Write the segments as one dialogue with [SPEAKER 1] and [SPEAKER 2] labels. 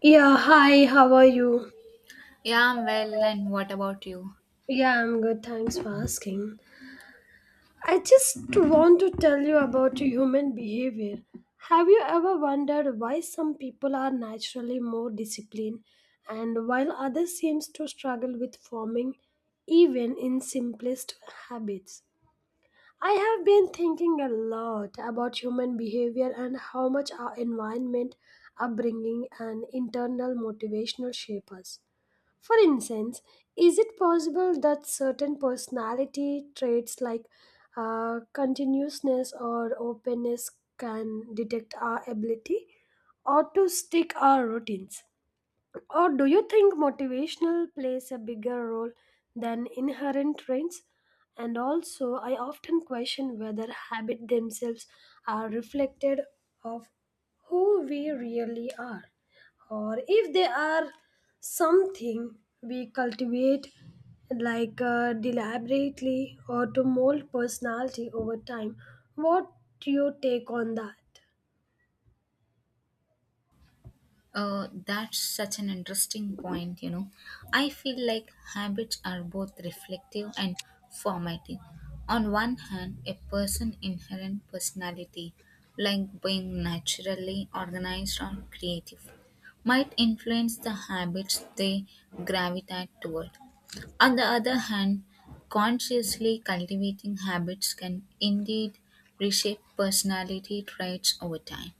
[SPEAKER 1] Yeah, hi, how are you?
[SPEAKER 2] Yeah, I'm well, and what about you?
[SPEAKER 1] Yeah, I'm good, thanks for asking. I just want to tell you about human behavior. Have you ever wondered why some people are naturally more disciplined and while others seems to struggle with forming even in simplest habits? I have been thinking a lot about human behavior and how much our environment, upbringing and internal motivational shape us. For instance, is it possible that certain personality traits like continuousness or openness can detect our ability or to stick our routines? Or do you think motivational plays a bigger role than inherent traits? And also, I often question whether habits themselves are reflected of who we really are, or if they are something we cultivate like deliberately or to mold personality over time. What do you take on that?
[SPEAKER 2] That's such an interesting point, you know. I feel like habits are both reflective and formative. On one hand, a person's inherent personality, like being naturally organized or creative, might influence the habits they gravitate toward. On the other hand, consciously cultivating habits can indeed reshape personality traits over time.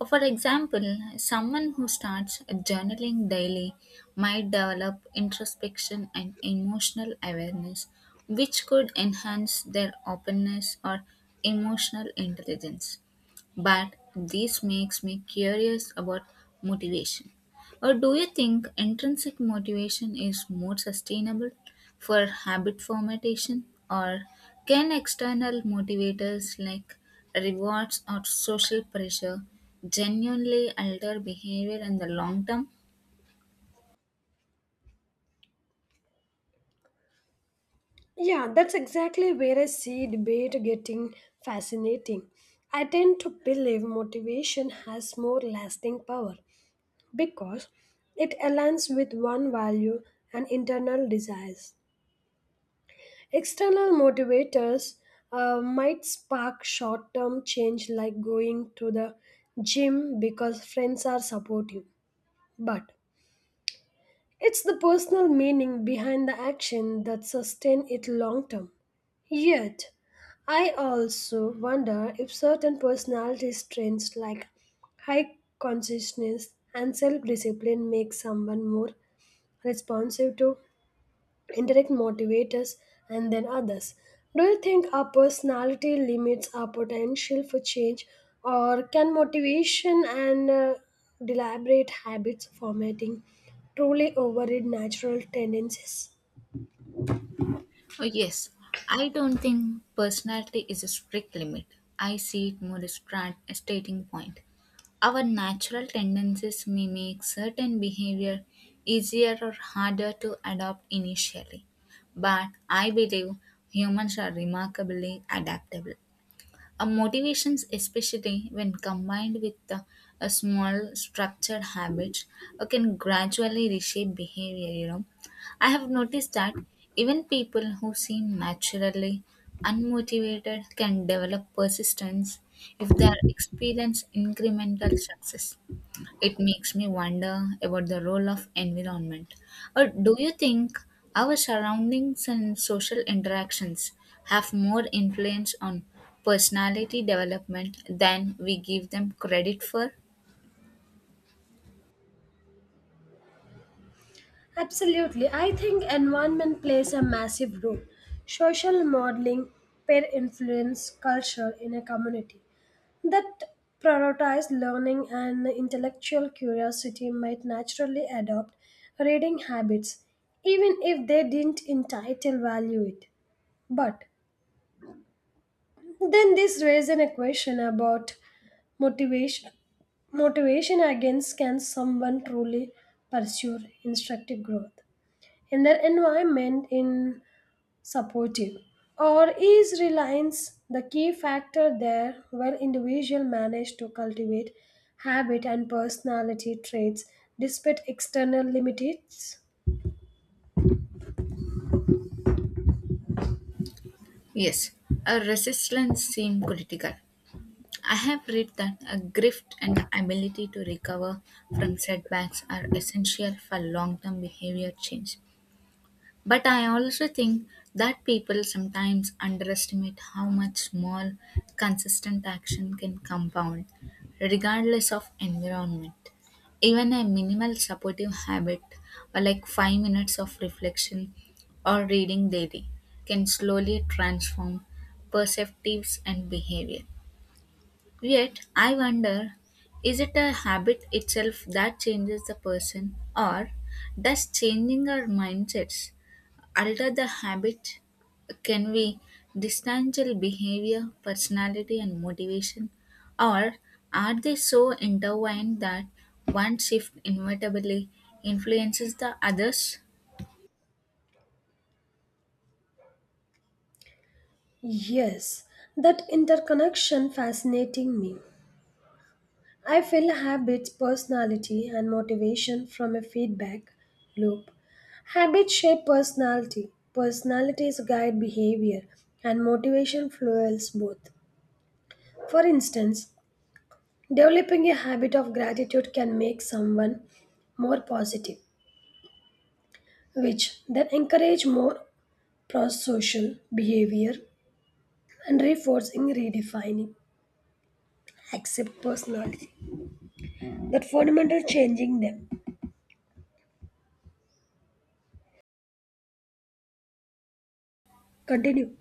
[SPEAKER 2] For example, someone who starts journaling daily might develop introspection and emotional awareness, which could enhance their openness or emotional intelligence. But this makes me curious about motivation. Or do you think intrinsic motivation is more sustainable for habit formation? Or can external motivators like rewards or social pressure genuinely alter behavior in the long term?
[SPEAKER 1] Yeah, that's exactly where I see debate getting fascinating. I tend to believe motivation has more lasting power because it aligns with one value and internal desires. External motivators might spark short term change, like going to the gym because friends are supportive. But it's the personal meaning behind the action that sustain it long term. Yet, I also wonder if certain personality traits like high consciousness and self-discipline make someone more responsive to indirect motivators, and then others. Do you think our personality limits our potential for change, or can motivation and deliberate habits formatting truly override natural tendencies?
[SPEAKER 2] Oh, yes, I don't think personality is a strict limit. I see it more as a starting point. Our natural tendencies may make certain behavior easier or harder to adopt initially, but I believe humans are remarkably adaptable. A motivations, especially when combined with a small structured habits, can gradually reshape behavior. You know, I have noticed that even people who seem naturally unmotivated can develop persistence if they experience incremental success. It makes me wonder about the role of environment. Or do you think our surroundings and social interactions have more influence on personality development than we give them credit for?
[SPEAKER 1] Absolutely. I think environment plays a massive role. Social modeling, peer influence, culture in a community that prioritize learning and intellectual curiosity might naturally adopt reading habits, even if they didn't entitle value it. But then this raises a question about motivation. Motivation against can someone truly pursue instructive growth? And their environment in supportive, or is reliance the key factor there where individual manage to cultivate habit and personality traits despite external limitations?
[SPEAKER 2] Yes, a resistance seem critical. I have read that a grift and the ability to recover from setbacks are essential for long term behavior change. But I also think that people sometimes underestimate how much small, consistent action can compound, regardless of environment. Even a minimal supportive habit, or like 5 minutes of reflection or reading daily, can slowly transform perceptives and behavior. Yet, I wonder, is it a habit itself that changes the person, or does changing our mindsets alter the habit? Can we distancial behavior, personality, and motivation, or are they so intertwined that one shift inevitably influences the others?
[SPEAKER 1] Yes, that interconnection fascinating me. I feel habits, personality, and motivation from a feedback loop. Habits shape personality, personalities guide behavior, and motivation fuels both. For instance, developing a habit of gratitude can make someone more positive, which then encourage more pro-social behavior and reinforcing redefining accept personality that fundamental changing them continue.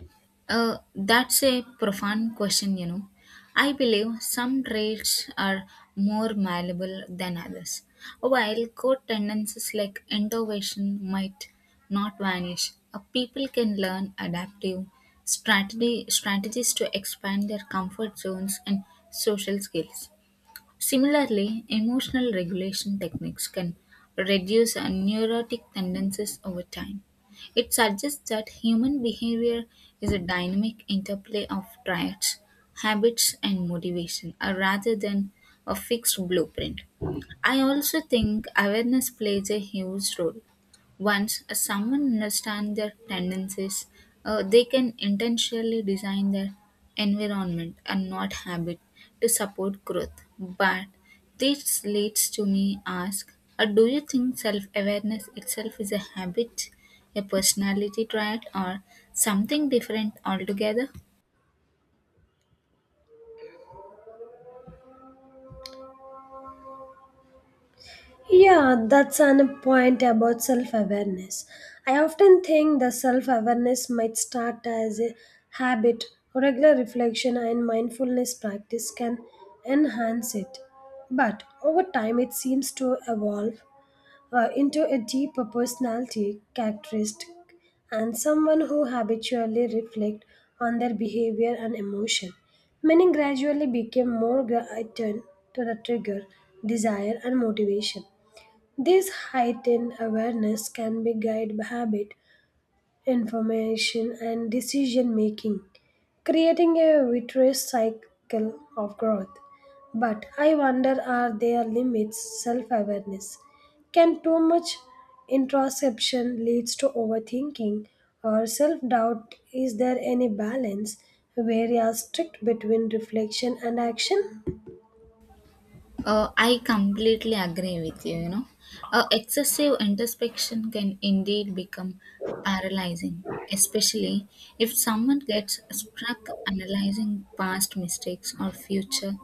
[SPEAKER 2] That's a profound question, you know. I believe some traits are more malleable than others. While core tendencies like innovation might not vanish, people can learn adaptive strategies to expand their comfort zones and social skills. Similarly, emotional regulation techniques can reduce neurotic tendencies over time. It suggests that human behavior is a dynamic interplay of traits, habits, and motivation rather than a fixed blueprint. I also think awareness plays a huge role. Once someone understands their tendencies, they can intentionally design their environment and not habit to support growth. But this leads to me ask, do you think self-awareness itself is a habit, a personality trait, or something different altogether?
[SPEAKER 1] Yeah, that's an point about self awareness. I often think the self awareness might start as a habit. Regular reflection and mindfulness practice can enhance it. But over time, it seems to evolve into a deeper personality characteristic and someone who habitually reflect on their behavior and emotion. Many gradually became attuned to the trigger, desire, and motivation. This heightened awareness can be guided by habit, information, and decision making, creating a virtuous cycle of growth. But I wonder, are there limits self awareness? Can too much introspection leads to overthinking or self doubt? Is there any balance where you are strict between reflection and action?
[SPEAKER 2] I completely agree with you. You know, excessive introspection can indeed become paralyzing, especially if someone gets stuck analyzing past mistakes or future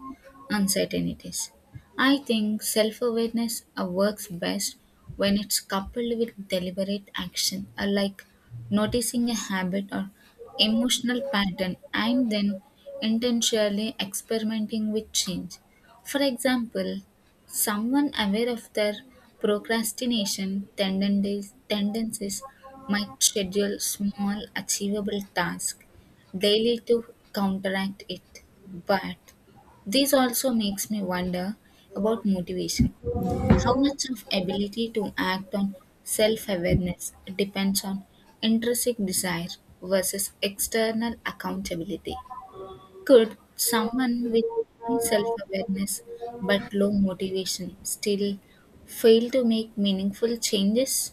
[SPEAKER 2] uncertainties. I think self awareness works best when it's coupled with deliberate action, like noticing a habit or emotional pattern and then intentionally experimenting with change. For example, someone aware of their procrastination tendencies might schedule small, achievable tasks daily to counteract it. But this also makes me wonder about motivation. How much of ability to act on self-awareness depends on intrinsic desire versus external accountability? Could someone with high self awareness but low motivation still fail to make meaningful changes?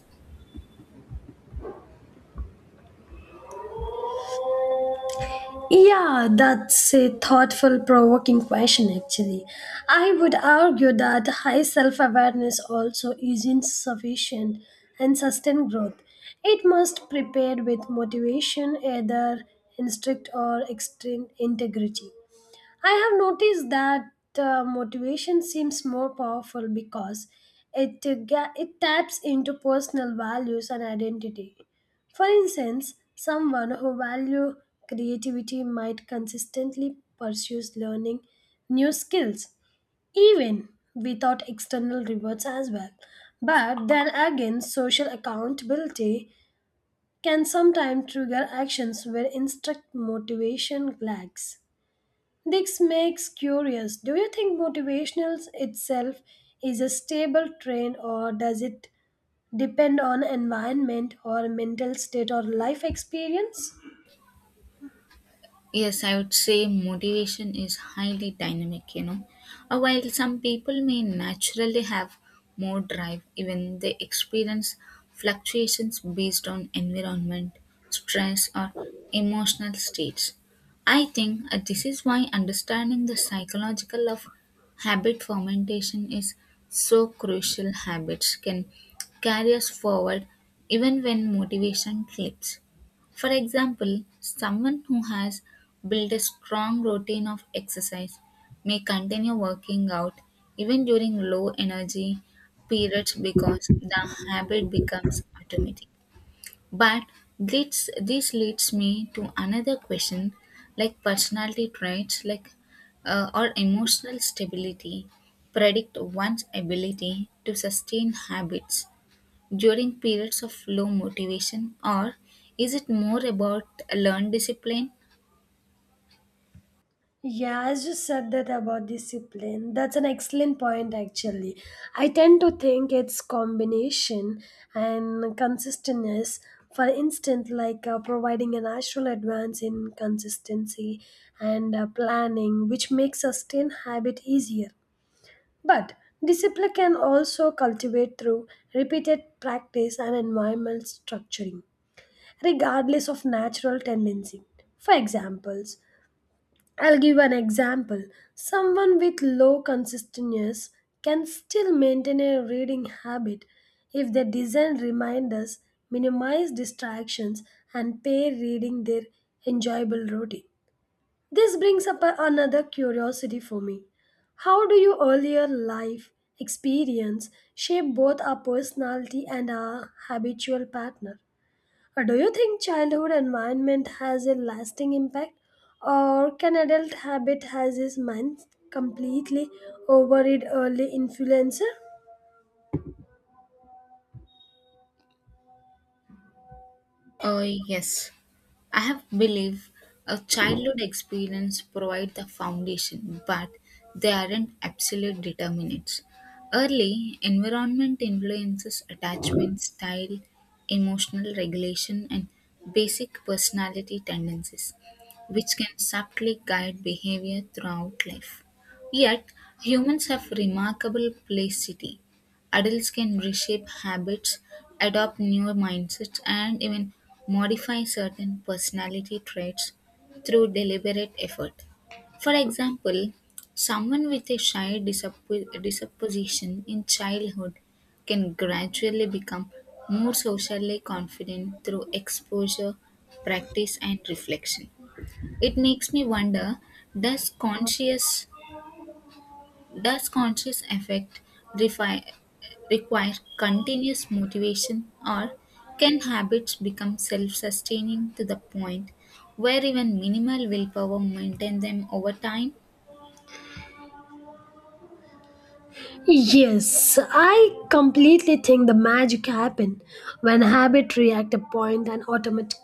[SPEAKER 1] Yeah, that's a thoughtful, provoking question, actually. I would argue that high self awareness also is not sufficient and sustain growth. It must prepare with motivation, either instinct or extreme integrity. I have noticed that motivation seems more powerful because it taps into personal values and identity. For instance, someone who value creativity might consistently pursues learning new skills even without external rewards as well. But then again, social accountability can sometimes trigger actions where instruct motivation lags. This makes curious. Do you think motivational itself is a stable trend, or does it depend on environment or mental state or life experience?
[SPEAKER 2] Yes, I would say motivation is highly dynamic, you know. While some people may naturally have more drive, even they experience fluctuations based on environment, stress, or emotional states. I think this is why understanding the psychological of habit fermentation is so crucial. Habits can carry us forward even when motivation flips. For example, someone who has build a strong routine of exercise may continue working out even during low energy periods because the habit becomes automatic. But this leads me to another question, like personality traits like or emotional stability predict one's ability to sustain habits during periods of low motivation, or is it more about learned discipline?
[SPEAKER 1] Yeah, I just said that about discipline. That's an excellent point actually. I tend to think it's combination and consistentness. For instance, like providing a natural advance in consistency and planning, which makes sustain habit easier. But discipline can also cultivate through repeated practice and environmental structuring, regardless of natural tendency. For examples, I'll give an example. Someone with low consistence can still maintain a reading habit if they design reminders, minimize distractions, and pair reading their enjoyable routine. This brings up another curiosity for me. How do your earlier life experience shape both our personality and our habitual partner? Or do you think childhood environment has a lasting impact, or can adult habit has its mind completely over it early influencer?
[SPEAKER 2] Yes, I have believe a childhood experience provide the foundation, but they aren't absolute determinants. Early environment influences attachment style, emotional regulation, and basic personality tendencies, which can subtly guide behavior throughout life. Yet, humans have remarkable plasticity. Adults can reshape habits, adopt newer mindsets, and even modify certain personality traits through deliberate effort. For example, someone with a shy disposition in childhood can gradually become more socially confident through exposure, practice, and reflection. It makes me wonder, does conscious does conscious refi- require continuous motivation, or can habits become self sustaining to the point where even minimal willpower maintain them over time?
[SPEAKER 1] Yes, I completely think the magic happen when habit react a point and automaticity.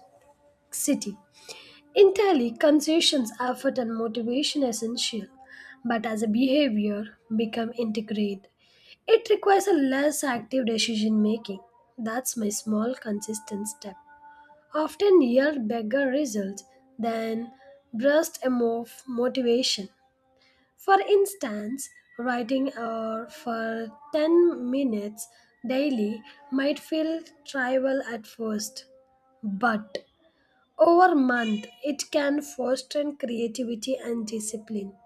[SPEAKER 1] Entirely, tally, concessions, effort, and motivation are essential, but as a behavior become integrate, it requires a less active decision making. That's my small consistent step. Often yield bigger results than burst of motivation. For instance, writing or for 10 minutes daily might feel trivial at first, but over month, it can foster creativity and discipline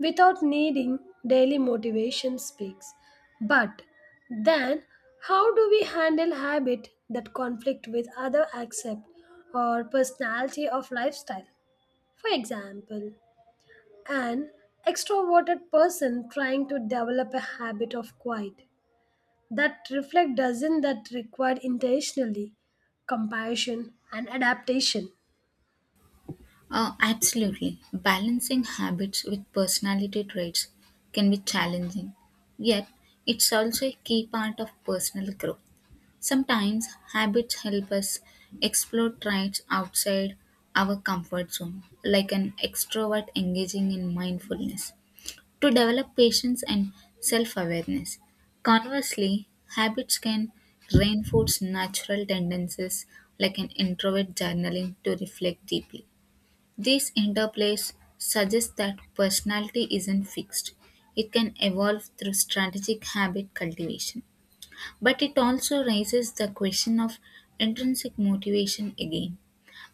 [SPEAKER 1] without needing daily motivation speaks. But then, how do we handle habit that conflict with other accept or personality of lifestyle? For example, an extroverted person trying to develop a habit of quiet that reflect, doesn't that require intentionally compassion and adaptation?
[SPEAKER 2] Absolutely. Balancing habits with personality traits can be challenging, yet, it's also a key part of personal growth. Sometimes habits help us explore traits outside our comfort zone, like an extrovert engaging in mindfulness, to develop patience and self awareness. Conversely, habits can reinforce natural tendencies, like an introvert journaling to reflect deeply. These interplays suggest that personality isn't fixed, it can evolve through strategic habit cultivation. But it also raises the question of intrinsic motivation again.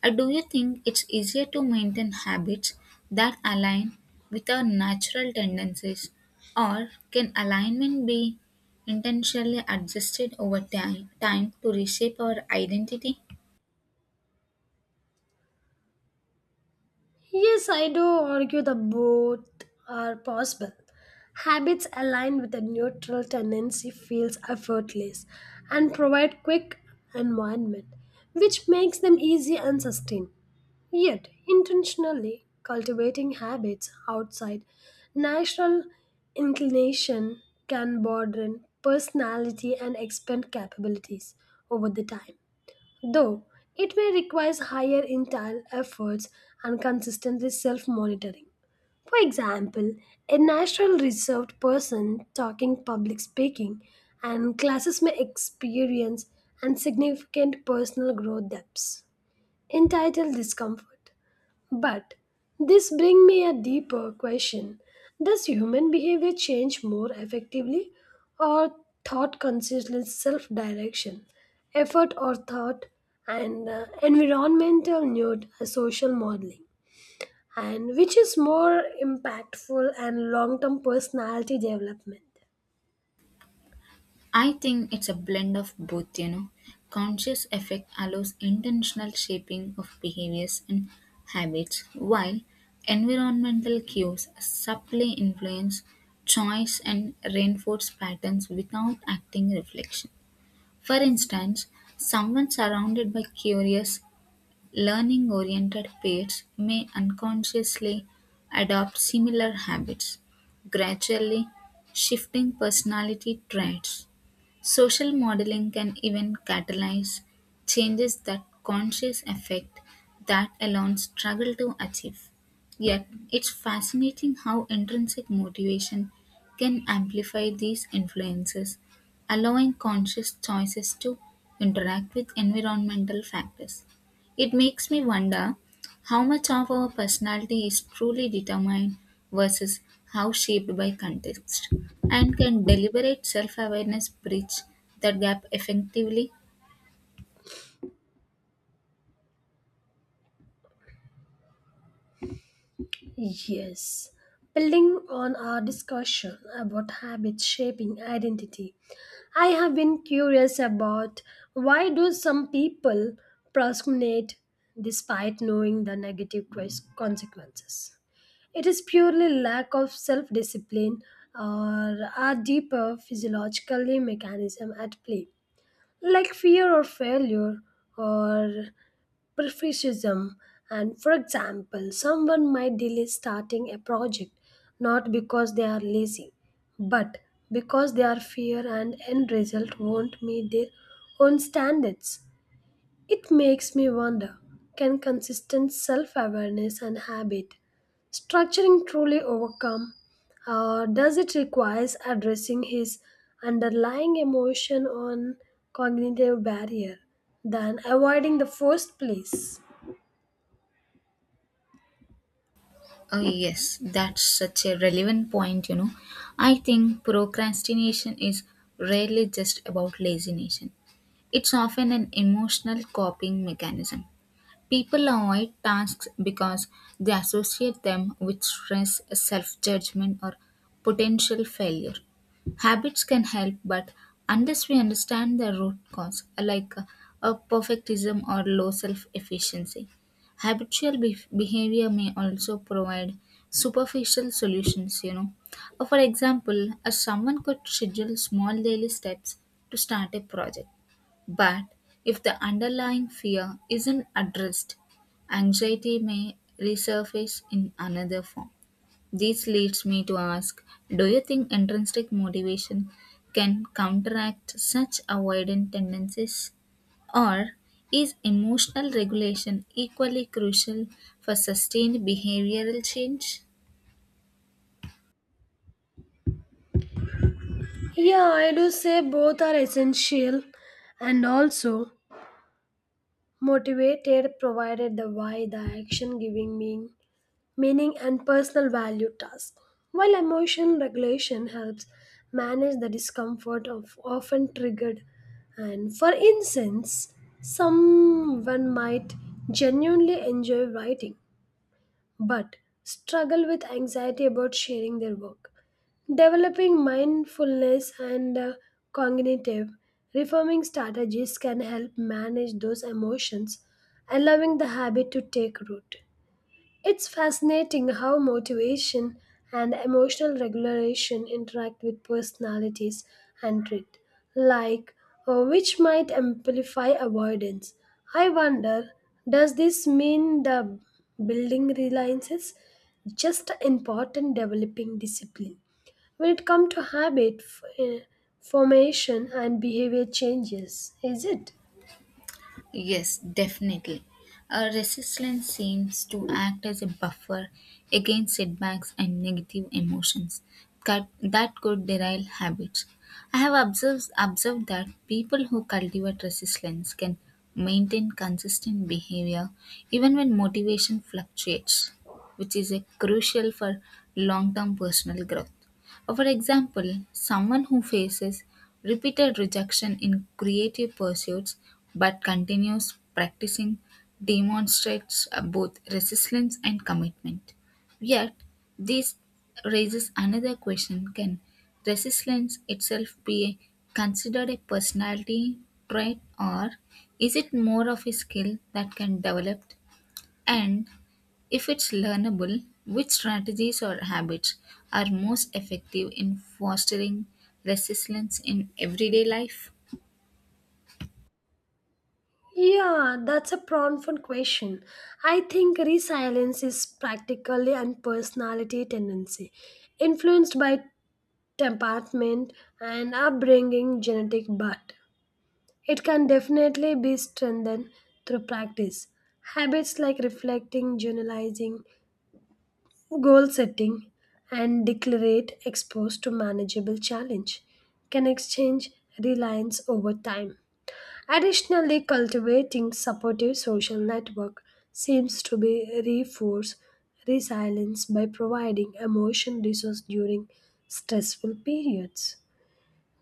[SPEAKER 2] Do you think it's easier to maintain habits that align with our natural tendencies, or can alignment be intentionally adjusted over time to reshape our identity?
[SPEAKER 1] Yes, I do argue that both are possible. Habits aligned with a neutral tendency feels effortless and provide quick environment, which makes them easy and sustained. Yet, intentionally cultivating habits outside natural inclination can broaden personality and expand capabilities over the time, though it may require higher internal efforts and consistent self monitoring. For example, a natural reserved person talking public speaking and classes may experience and significant personal growth depths, entitled discomfort. But this brings me a deeper question. Does human behavior change more effectively or thought consistent self direction, effort or thought, and environmental nude social modeling? And which is more impactful and long term personality development?
[SPEAKER 2] I think it's a blend of both, you know. Conscious effect allows intentional shaping of behaviors and habits, while environmental cues subtly influence choice and reinforce patterns without acting reflection. For instance, someone surrounded by curious, learning oriented peers may unconsciously adopt similar habits, gradually shifting personality traits. Social modeling can even catalyze changes that conscious effect that alone struggle to achieve. Yet, it's fascinating how intrinsic motivation can amplify these influences, allowing conscious choices to interact with environmental factors. It makes me wonder how much of our personality is truly determined versus how shaped by context. And can deliberate self awareness bridge that gap effectively?
[SPEAKER 1] Yes. Building on our discussion about habits shaping identity, I have been curious about why do some people procrastinate despite knowing the consequences? It is purely lack of self-discipline or a deeper physiological mechanism at play, like fear or failure or perfectionism? And for example, someone might delay starting a project not because they are lazy but because they are fear and end result won't meet their own standards. It makes me wonder, can consistent self-awareness and habit structuring truly overcome, or does it requires addressing his underlying emotion on cognitive barrier than avoiding the first place?
[SPEAKER 2] Oh, yes, that's such a relevant point, you know. I think procrastination is rarely just about laziness, it's often an emotional coping mechanism. People avoid tasks because they associate them with stress, self judgment, or potential failure. Habits can help, but unless we understand the root cause, like a perfectism or low self efficiency, habitual behavior may also provide superficial solutions. You know, for example, someone could schedule small daily steps to start a project, but if the underlying fear isn't addressed, anxiety may resurface in another form. This leads me to ask, do you think intrinsic motivation can counteract such avoidant tendencies? Or is emotional regulation equally crucial for sustained behavioral change?
[SPEAKER 1] Yeah, I do say both are essential and also motivated provided the why, the action giving meaning, meaning and personal value task. While emotion regulation helps manage the discomfort of often triggered. And for instance, someone might genuinely enjoy writing but struggle with anxiety about sharing their work. Developing mindfulness and cognitive reforming strategies can help manage those emotions, allowing the habit to take root. It's fascinating how motivation and emotional regulation interact with personalities and trait, like which might amplify avoidance. I wonder, does this mean the building reliances just important developing discipline? When it comes to formation and behavior changes, is it?
[SPEAKER 2] Yes, definitely. A resistance seems to act as a buffer against setbacks and negative emotions that could derail habits. I have observed that people who cultivate resistance can maintain consistent behavior even when motivation fluctuates, which is a crucial for long term personal growth. For example, someone who faces repeated rejection in creative pursuits but continues practicing demonstrates both resilience and commitment. Yet, this raises another question, can resilience itself be considered a personality trait, or is it more of a skill that can develop, and if it's learnable, which strategies or habits are most effective in fostering resilience in everyday life?
[SPEAKER 1] Yeah, that's a profound question. I think resilience is practically a personality tendency, influenced by temperament and upbringing, genetic, but it can definitely be strengthened through practice. Habits like reflecting, journalizing, goal setting, and declarate exposed to manageable challenge can exchange reliance over time. Additionally, cultivating supportive social network seems to be reinforce resilience by providing emotion resource during stressful periods.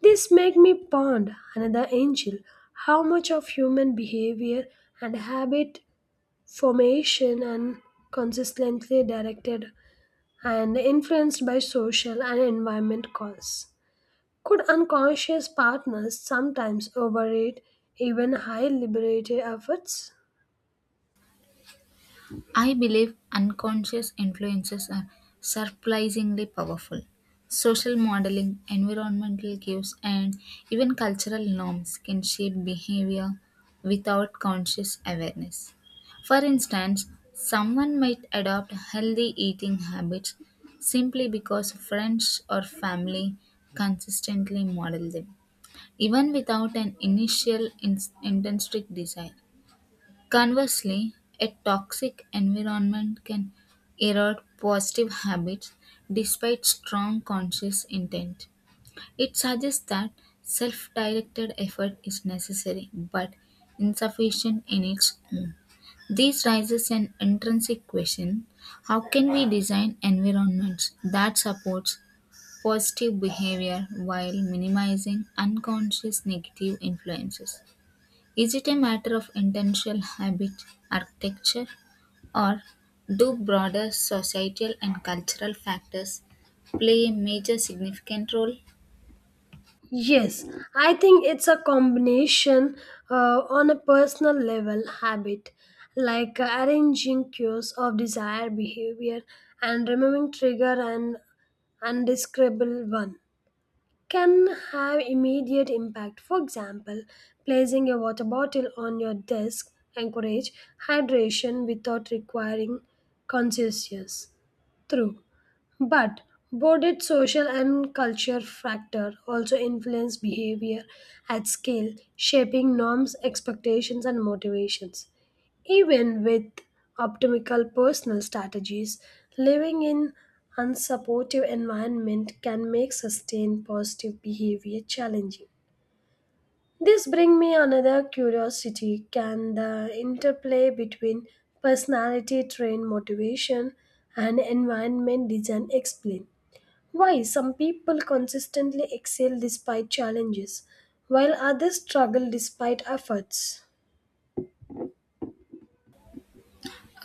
[SPEAKER 1] This make me ponder another angel, how much of human behavior and habit formation and consistently directed and influenced by social and environment cause. Could unconscious partners sometimes overrate even high liberated efforts?
[SPEAKER 2] I believe unconscious influences are surprisingly powerful. Social modeling, environmental cues, and even cultural norms can shape behavior without conscious awareness. For instance, someone might adopt healthy eating habits simply because friends or family consistently model them, even without an initial intrinsic desire. Conversely, a toxic environment can erode positive habits despite strong conscious intent. It suggests that self directed effort is necessary but insufficient in its own. This raises an intrinsic question, how can we design environments that supports positive behavior while minimizing unconscious negative influences? Is it a matter of intentional habit architecture, or do broader societal and cultural factors play a major significant role?
[SPEAKER 1] Yes, I think it's a combination on a personal level habit, like arranging cues of desire behavior and removing trigger and undescribable one can have immediate impact. For example, placing a water bottle on your desk encourage hydration without requiring conscious through. But both social and culture factor also influence behavior at scale, shaping norms, expectations, and motivations. Even with optimal personal strategies, living in unsupportive environment can make sustained positive behavior challenging. This brings me another curiosity. Can the interplay between personality train motivation and environment design explain why some people consistently excel despite challenges, while others struggle despite efforts?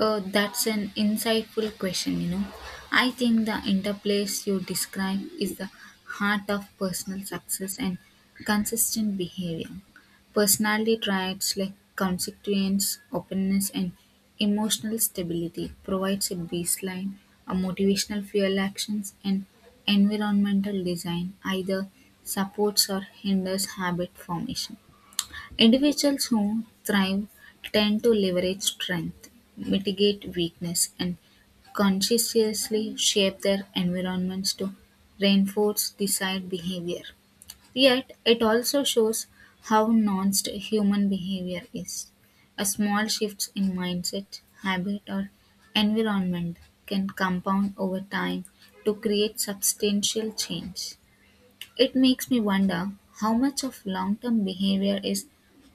[SPEAKER 2] That's an insightful question, you know. I think the interplays you describe is the heart of personal success and consistent behavior. Personality traits like consequence, openness, and emotional stability provides a baseline, a motivational fuel actions, and environmental design either supports or hinders habit formation. Individuals who thrive tend to leverage strength, mitigate weakness, and consciously shape their environments to reinforce desired behavior. Yet, it also shows how nuanced human behavior is. A small shift in mindset, habit, or environment can compound over time to create substantial change. It makes me wonder how much of long term behavior is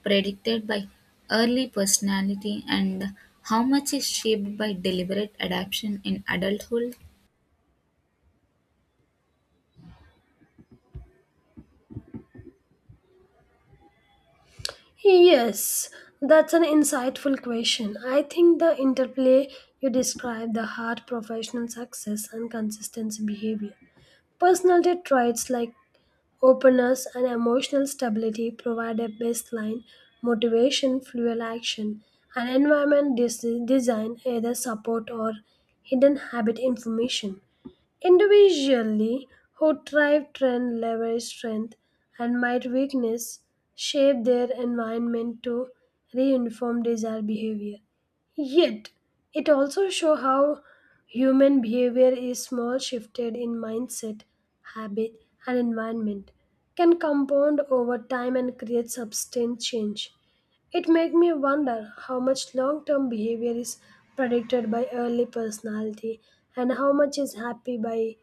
[SPEAKER 2] predicted by early personality and how much is shaped by deliberate adaptation in adulthood.
[SPEAKER 1] Yes, that's an insightful question. I think the interplay you describe the hard professional success and consistency behavior. Personality traits like openness and emotional stability provide a baseline, motivation, fuel action, and design either support or hidden habit information. Individually, who thrive trend leverage strength and might weakness shape their environment to reinform desired behavior. Yet, it also shows how human behavior is small shifted in mindset, habit, and environment can compound over time and create substantial change. It made me wonder how much long term behavior is predicted by early personality and how much is happy by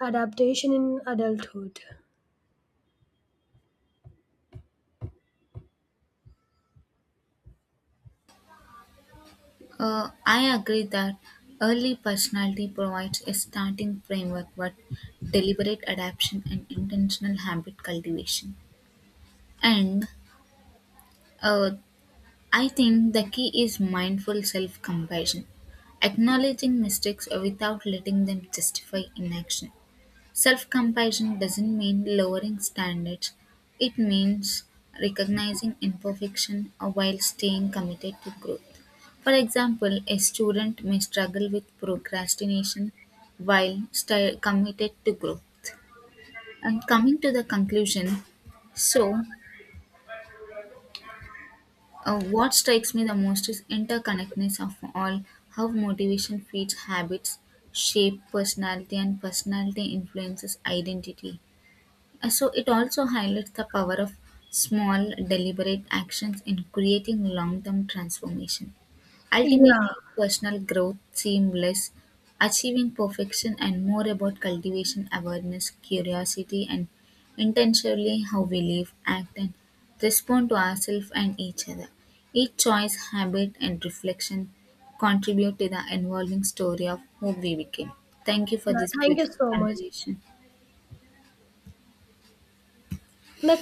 [SPEAKER 1] adaptation in adulthood.
[SPEAKER 2] I agree that early personality provides a starting framework, but deliberate adaptation and intentional habit cultivation. And uh, I think the key is mindful self compassion, acknowledging mistakes without letting them justify inaction. Self compassion doesn't mean lowering standards, it means recognizing imperfection while staying committed to growth. For example, a student may struggle with procrastination while stay committed to growth. And coming to the conclusion, so what strikes me the most is interconnectedness of all, how motivation feeds habits, shape personality, and personality influences identity. So it also highlights the power of small, deliberate actions in creating long term transformation.
[SPEAKER 1] Yeah,
[SPEAKER 2] Ultimately, personal growth seems less achieving perfection and more about cultivation, awareness, curiosity, and intentionally how we live, act, and respond to ourselves and each other. Each choice, habit, and reflection contribute to the evolving story of who we became. Thank you for
[SPEAKER 1] yeah,
[SPEAKER 2] this
[SPEAKER 1] thank you
[SPEAKER 2] beautiful
[SPEAKER 1] so much.
[SPEAKER 2] conversation.
[SPEAKER 1] The